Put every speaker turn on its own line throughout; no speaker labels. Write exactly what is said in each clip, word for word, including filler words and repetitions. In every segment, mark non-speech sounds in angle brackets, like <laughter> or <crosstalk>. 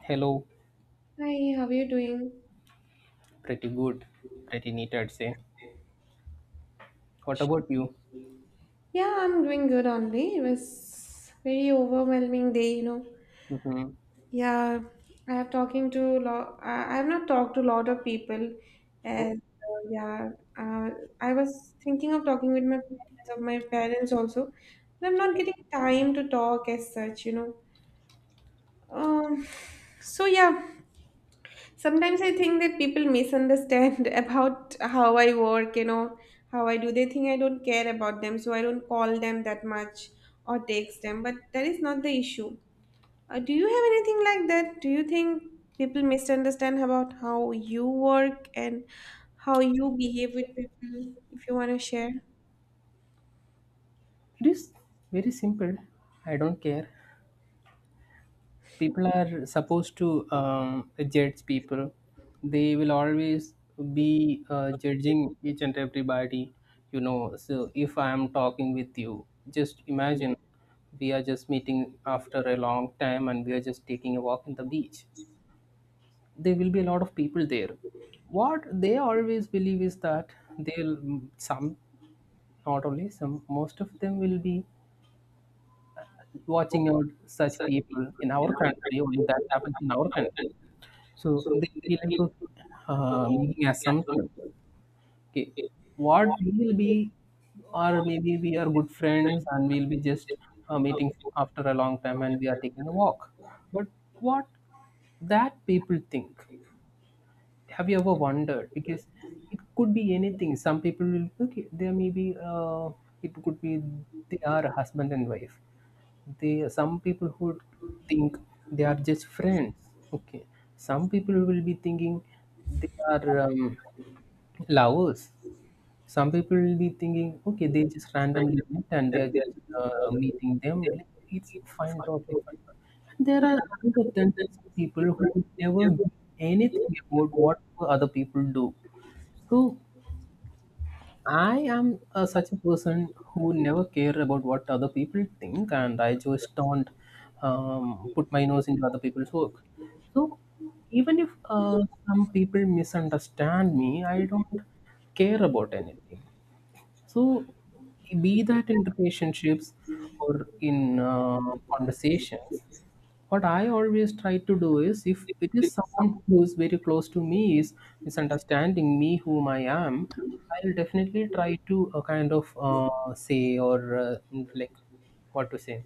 Hello,
Hi, how are you doing?
pretty good, pretty neat, I'd say. What about you?
Yeah, I'm doing good only. It was very overwhelming day, you know.
Mm-hmm.
Yeah, I have talking to lot. I I have not talked to a lot of people,
Oh,
and uh, yeah, uh, I was thinking of talking with my parents, of my parents also, but I'm not getting time to talk as such, you know. Um, so yeah. Sometimes I think that people misunderstand <laughs> about how I work, you know, how I do. They think I don't care about them, so I don't call them that much or text them, but that is not the issue. Uh, do you have anything like that? Do you think people misunderstand about how you work and how you behave with people if you want to share?
it is very simple. I don't care. People are supposed to um, judge people. They will always be uh, judging each and everybody, you know. So if I am talking with you, just imagine we are just meeting after a long time and we are just taking a walk in the beach, there will be a lot of people there. What they always believe is that they'll, some, not only some, most of them will be watching out such people. In our country only that happens, in our country. So they feel like, okay, uh, making assumptions, okay, what we will be, or maybe we are good friends and we'll be just uh, meeting after a long time and we are taking a walk. But what, that people think, have you ever wondered? Because it could be anything. Some people will, okay, there may be, uh, it could be, they are a husband and wife. They, some people who would think they are just friends. Okay, some people will be thinking they are um, lovers. Some people will be thinking, okay, they just randomly met and they are just uh, meeting them. Like, it's fine, totally fine. And there are another ten percent people who never give anything about what other people do. So I am uh, such a person who never care about what other people think, and I just don't um, put my nose into other people's work. So even if uh, some people misunderstand me, I don't care about anything. So, be that in relationships or in uh, conversations, what I always try to do is, if it is someone who is very close to me, is misunderstanding me, whom I am, I'll definitely try to uh, kind of uh, say or uh, like, what to say,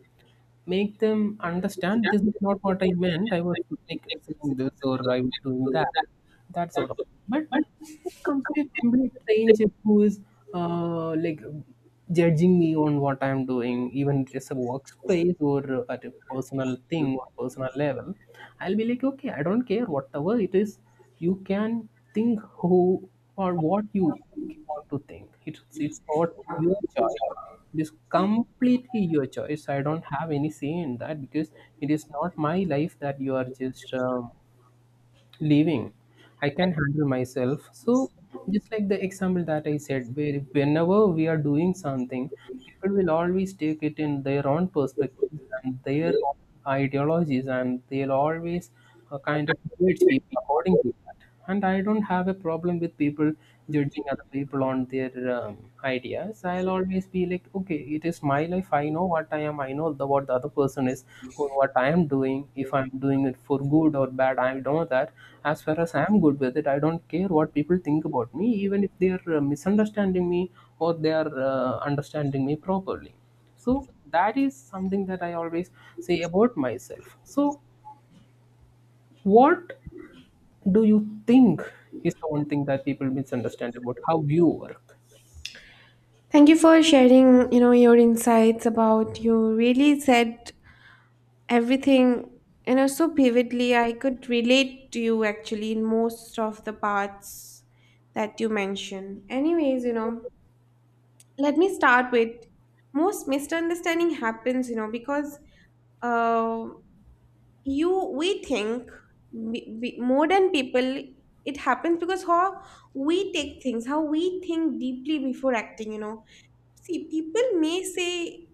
make them understand this is not what I meant. I was like saying this, or I was doing that, that sort of. But it comes to a complete stranger who is uh, like judging me on what I'm doing, even just a workspace or at a personal thing or personal level, I'll be like, okay, I don't care whatever it is. You can think who or what you want to think. It's it's what your choice. It is completely your choice. I don't have any say in that, because it is not my life that you are just um, leaving. I can handle myself. So just like the example that I said, where whenever we are doing something, people will always take it in their own perspectives and their own ideologies, and they'll always uh, kind of judge people according to. And I don't have a problem with people judging other people on their um, ideas. I'll always be like, okay, it is my life. I know what I am. I know the, what the other person is, or what I am doing. If I'm doing it for good or bad, I know that. As far as I'm good with it, I don't care what people think about me, even if they are uh, misunderstanding me or they are uh, understanding me properly. So that is something that I always say about myself. So what do you think is the one thing that people misunderstand about how you work?
Thank you for sharing, you know, your insights about. You really said everything, you know, so vividly. I could relate to you actually in most of the parts that you mentioned. Anyways, you know, let me start with. Most misunderstanding happens, you know, because uh, you we think, we, we, modern people. It happens because how we take things, how we think deeply before acting, you know. See, people may say,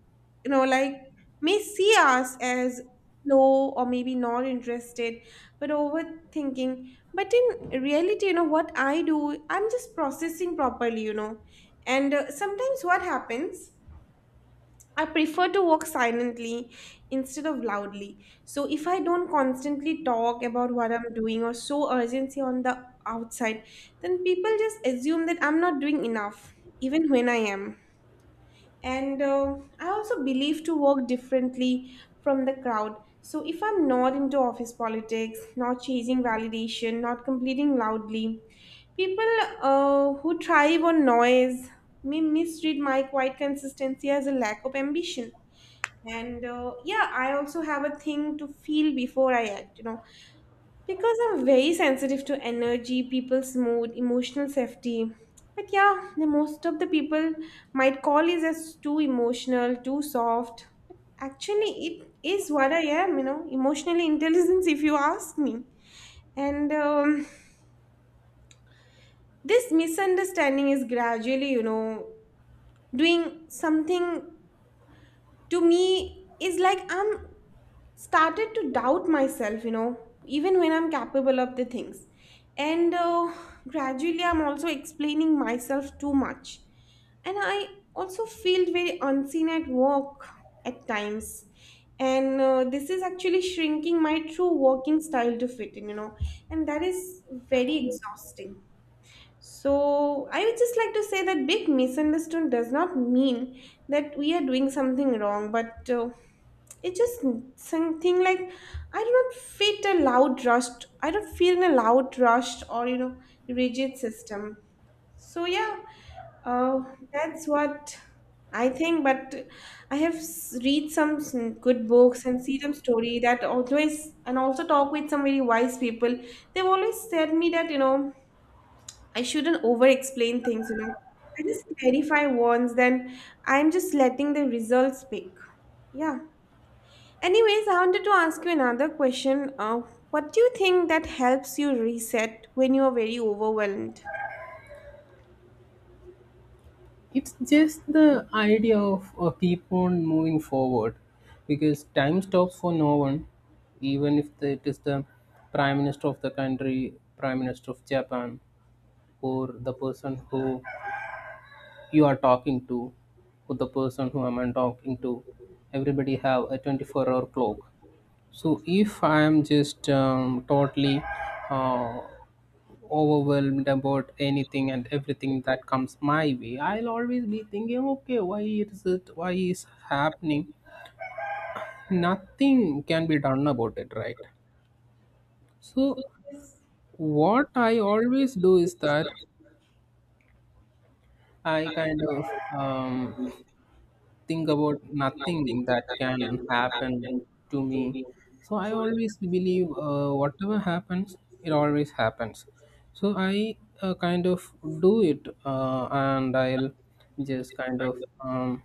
you know, like, may see us as slow or maybe not interested, but overthinking. But in reality, you know, what I do, I'm just processing properly, you know. And uh, sometimes what happens, I prefer to work silently instead of loudly. So if I don't constantly talk about what I'm doing or show urgency on the outside, then people just assume that I'm not doing enough, even when I am. And uh, I also believe to work differently from the crowd. So if I'm not into office politics, not chasing validation, not completing loudly, people uh, who thrive on noise may misread my quiet consistency as a lack of ambition. And uh, yeah, I also have a thing to feel before I act, you know, because I'm very sensitive to energy, people's mood, emotional safety. But yeah, the most of the people might call it as too emotional, too soft. But actually, it is what I am, you know, emotionally intelligence, if you ask me. And um, this misunderstanding is gradually, you know, doing something to me is like I'm started to doubt myself, you know, even when I'm capable of the things. And uh, gradually, I'm also explaining myself too much. And I also feel very unseen at work at times. And uh, this is actually shrinking my true working style to fit in, you know, and that is very exhausting. So, I would just like to say that being misunderstood does not mean that we are doing something wrong, but uh, it's just something like I do not fit a loud rush. I don't feel in a loud rush or you know rigid system. So yeah, uh, that's what I think. But I have s- read some s- good books and see some story that always and also talk with some very wise people. They've always said me that you know I shouldn't over explain things, you know. I just clarify once, then I'm just letting the results speak. Yeah. Anyways, I wanted to ask you another question. Uh, what do you think that helps you reset when you are very overwhelmed?
It's just the idea of uh, keep on moving forward, because time stops for no one. Even if it is the prime minister of the country, prime minister of Japan, or the person who you are talking to, or the person who I'm talking to, everybody have a twenty-four hour clock. So if I am just um, totally uh, overwhelmed about anything and everything that comes my way, I'll always be thinking, okay, why is it? Why is happening? Nothing can be done about it, right? So what I always do is that I kind of um, think about nothing that can happen to me. So I always believe, uh, whatever happens, it always happens. So I uh, kind of do it, uh, and I'll just kind of um,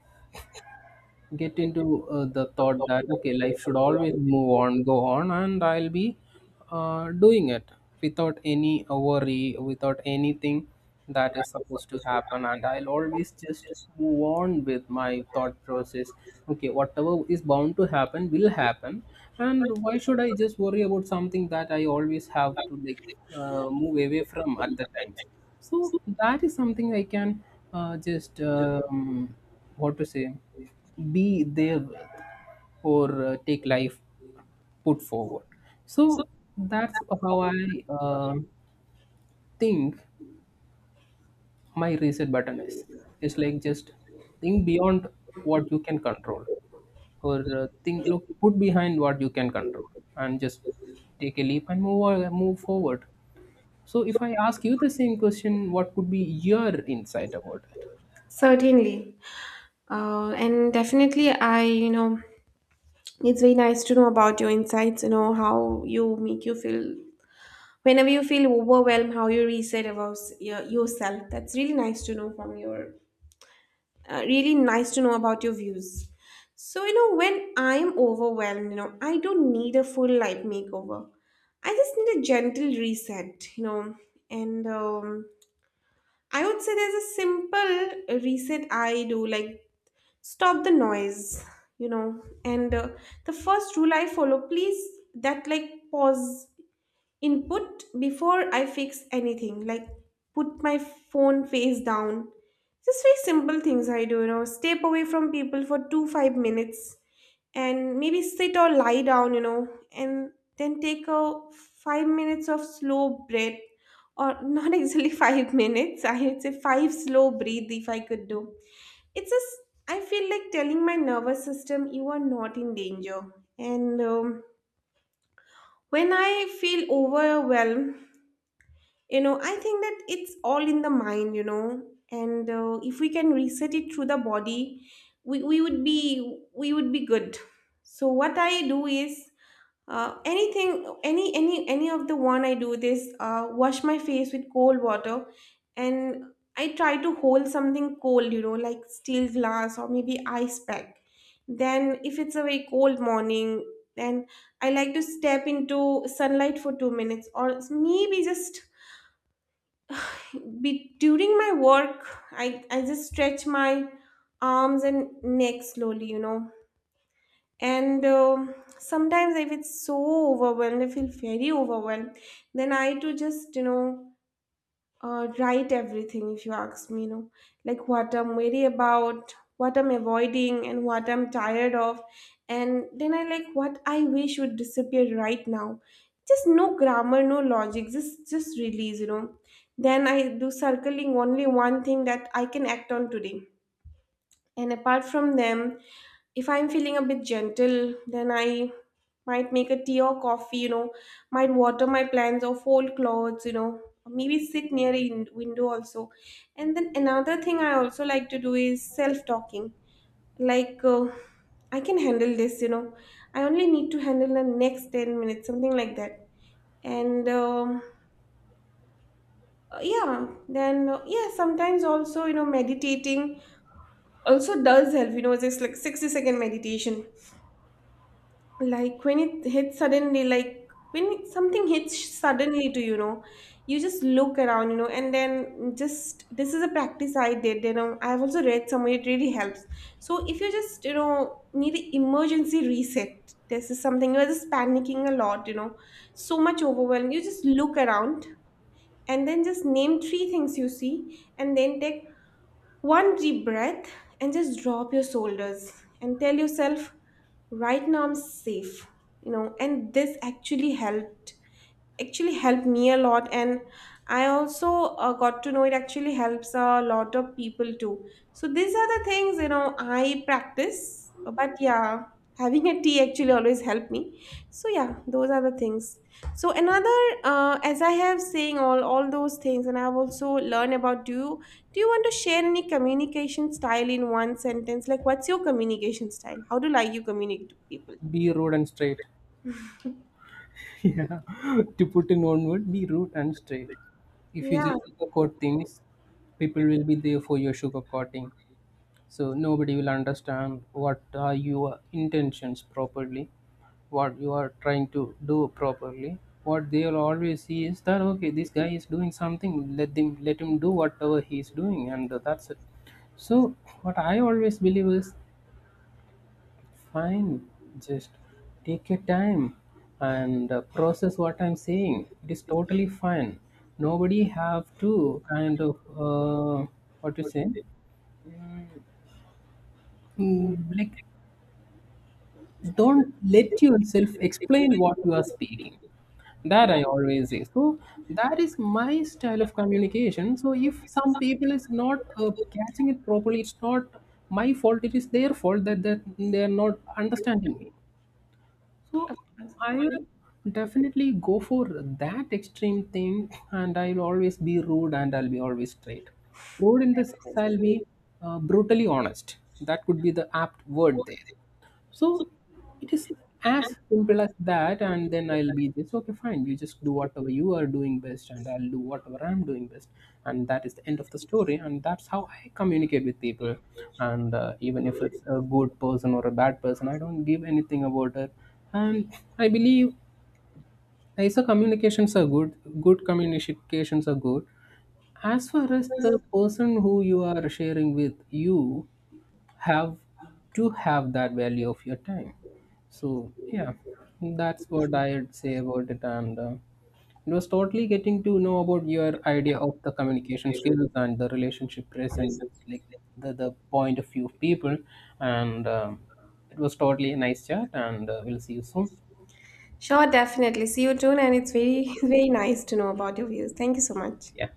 get into uh, the thought that, okay, life should always move on, go on, and I'll be uh, doing it without any worry, without anything that is supposed to happen, and I'll always just move on with my thought process. Okay, whatever is bound to happen will happen. And why should I just worry about something that I always have to, like, uh, move away from at the times? So that is something I can uh, just um, what to say, be there with, or uh, take life, put forward. So that's how I um think my reset button is. It's like, just think beyond what you can control, or uh, think, look, put behind what you can control, and just take a leap and move, or move forward. So if I ask you the same question, what could be your insight about it?
Certainly. Uh, and definitely, I, you know, it's very nice to know about your insights, you know, how you make you feel. Whenever you feel overwhelmed, how you reset about your, yourself. That's really nice to know from your uh, really nice to know about your views. So, you know, when I'm overwhelmed, you know, I don't need a full life makeover. I just need a gentle reset, you know, and um, I would say there's a simple reset I do, like stop the noise, you know, and uh, the first rule I follow, please, that like pause input before I fix anything, like put my phone face down. Just very simple things I do, you know, step away from people for two, five minutes and maybe sit or lie down, you know, and then take a five minutes of slow breath or not <laughs> exactly five minutes, I would say five slow breathe if I could do. It's just, I feel like telling my nervous system you are not in danger. And um, when I feel overwhelmed, you know, I think that it's all in the mind, you know, and uh, if we can reset it through the body, we, we would be we would be good. So what I do is uh, anything any any any of the one I do this uh, wash my face with cold water and I try to hold something cold, you know, like steel glass or maybe ice pack. Then if it's a very cold morning, then I like to step into sunlight for two minutes or maybe just be during my work i i just stretch my arms and neck slowly, you know, and um sometimes if it's so overwhelmed I feel very overwhelmed, then I to just, you know, uh, write everything if you ask me, you know, like what I'm worried about, what I'm avoiding, and what I'm tired of. And then I like what I wish would disappear right now, just no grammar, no logic, just just release, you know. Then I do circling only one thing that I can act on today. And apart from them, if I'm feeling a bit gentle, then I might make a tea or coffee, you know, might water my plants or fold clothes, you know, or maybe sit near a win- window also. And then another thing I also like to do is self talking. Like, uh, I can handle this, you know, I only need to handle the next ten minutes, something like that. And um, uh, yeah, then, uh, yeah, sometimes also, you know, meditating also does help, you know, just like sixty second meditation like when it hits suddenly, like when it, something hits suddenly to you know you just look around, you know, and then just this is a practice I did, you know, I've also read somewhere it really helps. So if you just, you know, need an emergency reset, this is something. You're just panicking a lot, you know, so much overwhelm, you just look around and then just name three things you see and then take one deep breath and just drop your shoulders and tell yourself, right now I'm safe. You know, and this actually helped actually helped me a lot. And I also uh, got to know it actually helps a lot of people too. So these are the things, you know, I practice. But yeah, having a tea actually always helped me. So yeah, those are the things. So another, uh, as I have saying all all those things and I've also learned about, do you do you want to share any communication style in one sentence? Like, what's your communication style? How do, like, you communicate to people?
Be road and straight. Yeah, <laughs> to put in one word, be rude and straight. If you
Yeah,
just sugarcoat things, people will be there for your sugarcoating. So nobody will understand what are your intentions properly, what you are trying to do properly. What they'll always see is that, okay, this guy is doing something, let them, let him do whatever he is doing, and that's it. So what I always believe is, fine, just take your time and uh, process what I'm saying. It is totally fine. Nobody have to kind of uh, what you say, mm, like, don't let yourself explain what you are speaking. That I always say. So that is my style of communication. So if some people is not uh, catching it properly, it's not my fault. It is their fault that that they are not understanding me. So
of
I'll
course.
definitely go for that extreme thing, and I'll always be rude and I'll be always straight. Rude in this, I'll be uh, brutally honest. That could be the apt word there. So it is as simple as that, and then I'll be this, okay, fine, you just do whatever you are doing best, and I'll do whatever I'm doing best, and that is the end of the story. And that's how I communicate with people. And uh, even if it's a good person or a bad person, I don't give anything about it. And I believe I S O communications are good. Good communications are good. As far as the person who you are sharing with, you have to have that value of your time. So yeah, that's what I'd say about it. And uh, it was totally getting to know about your idea of the communication skills and the relationship present, like the, the point of view of people. And um, it was totally a nice chat, and uh, we'll see you soon.
Sure, definitely. See you soon, and it's very, <laughs> very nice to know about your views. Thank you so much.
Yeah.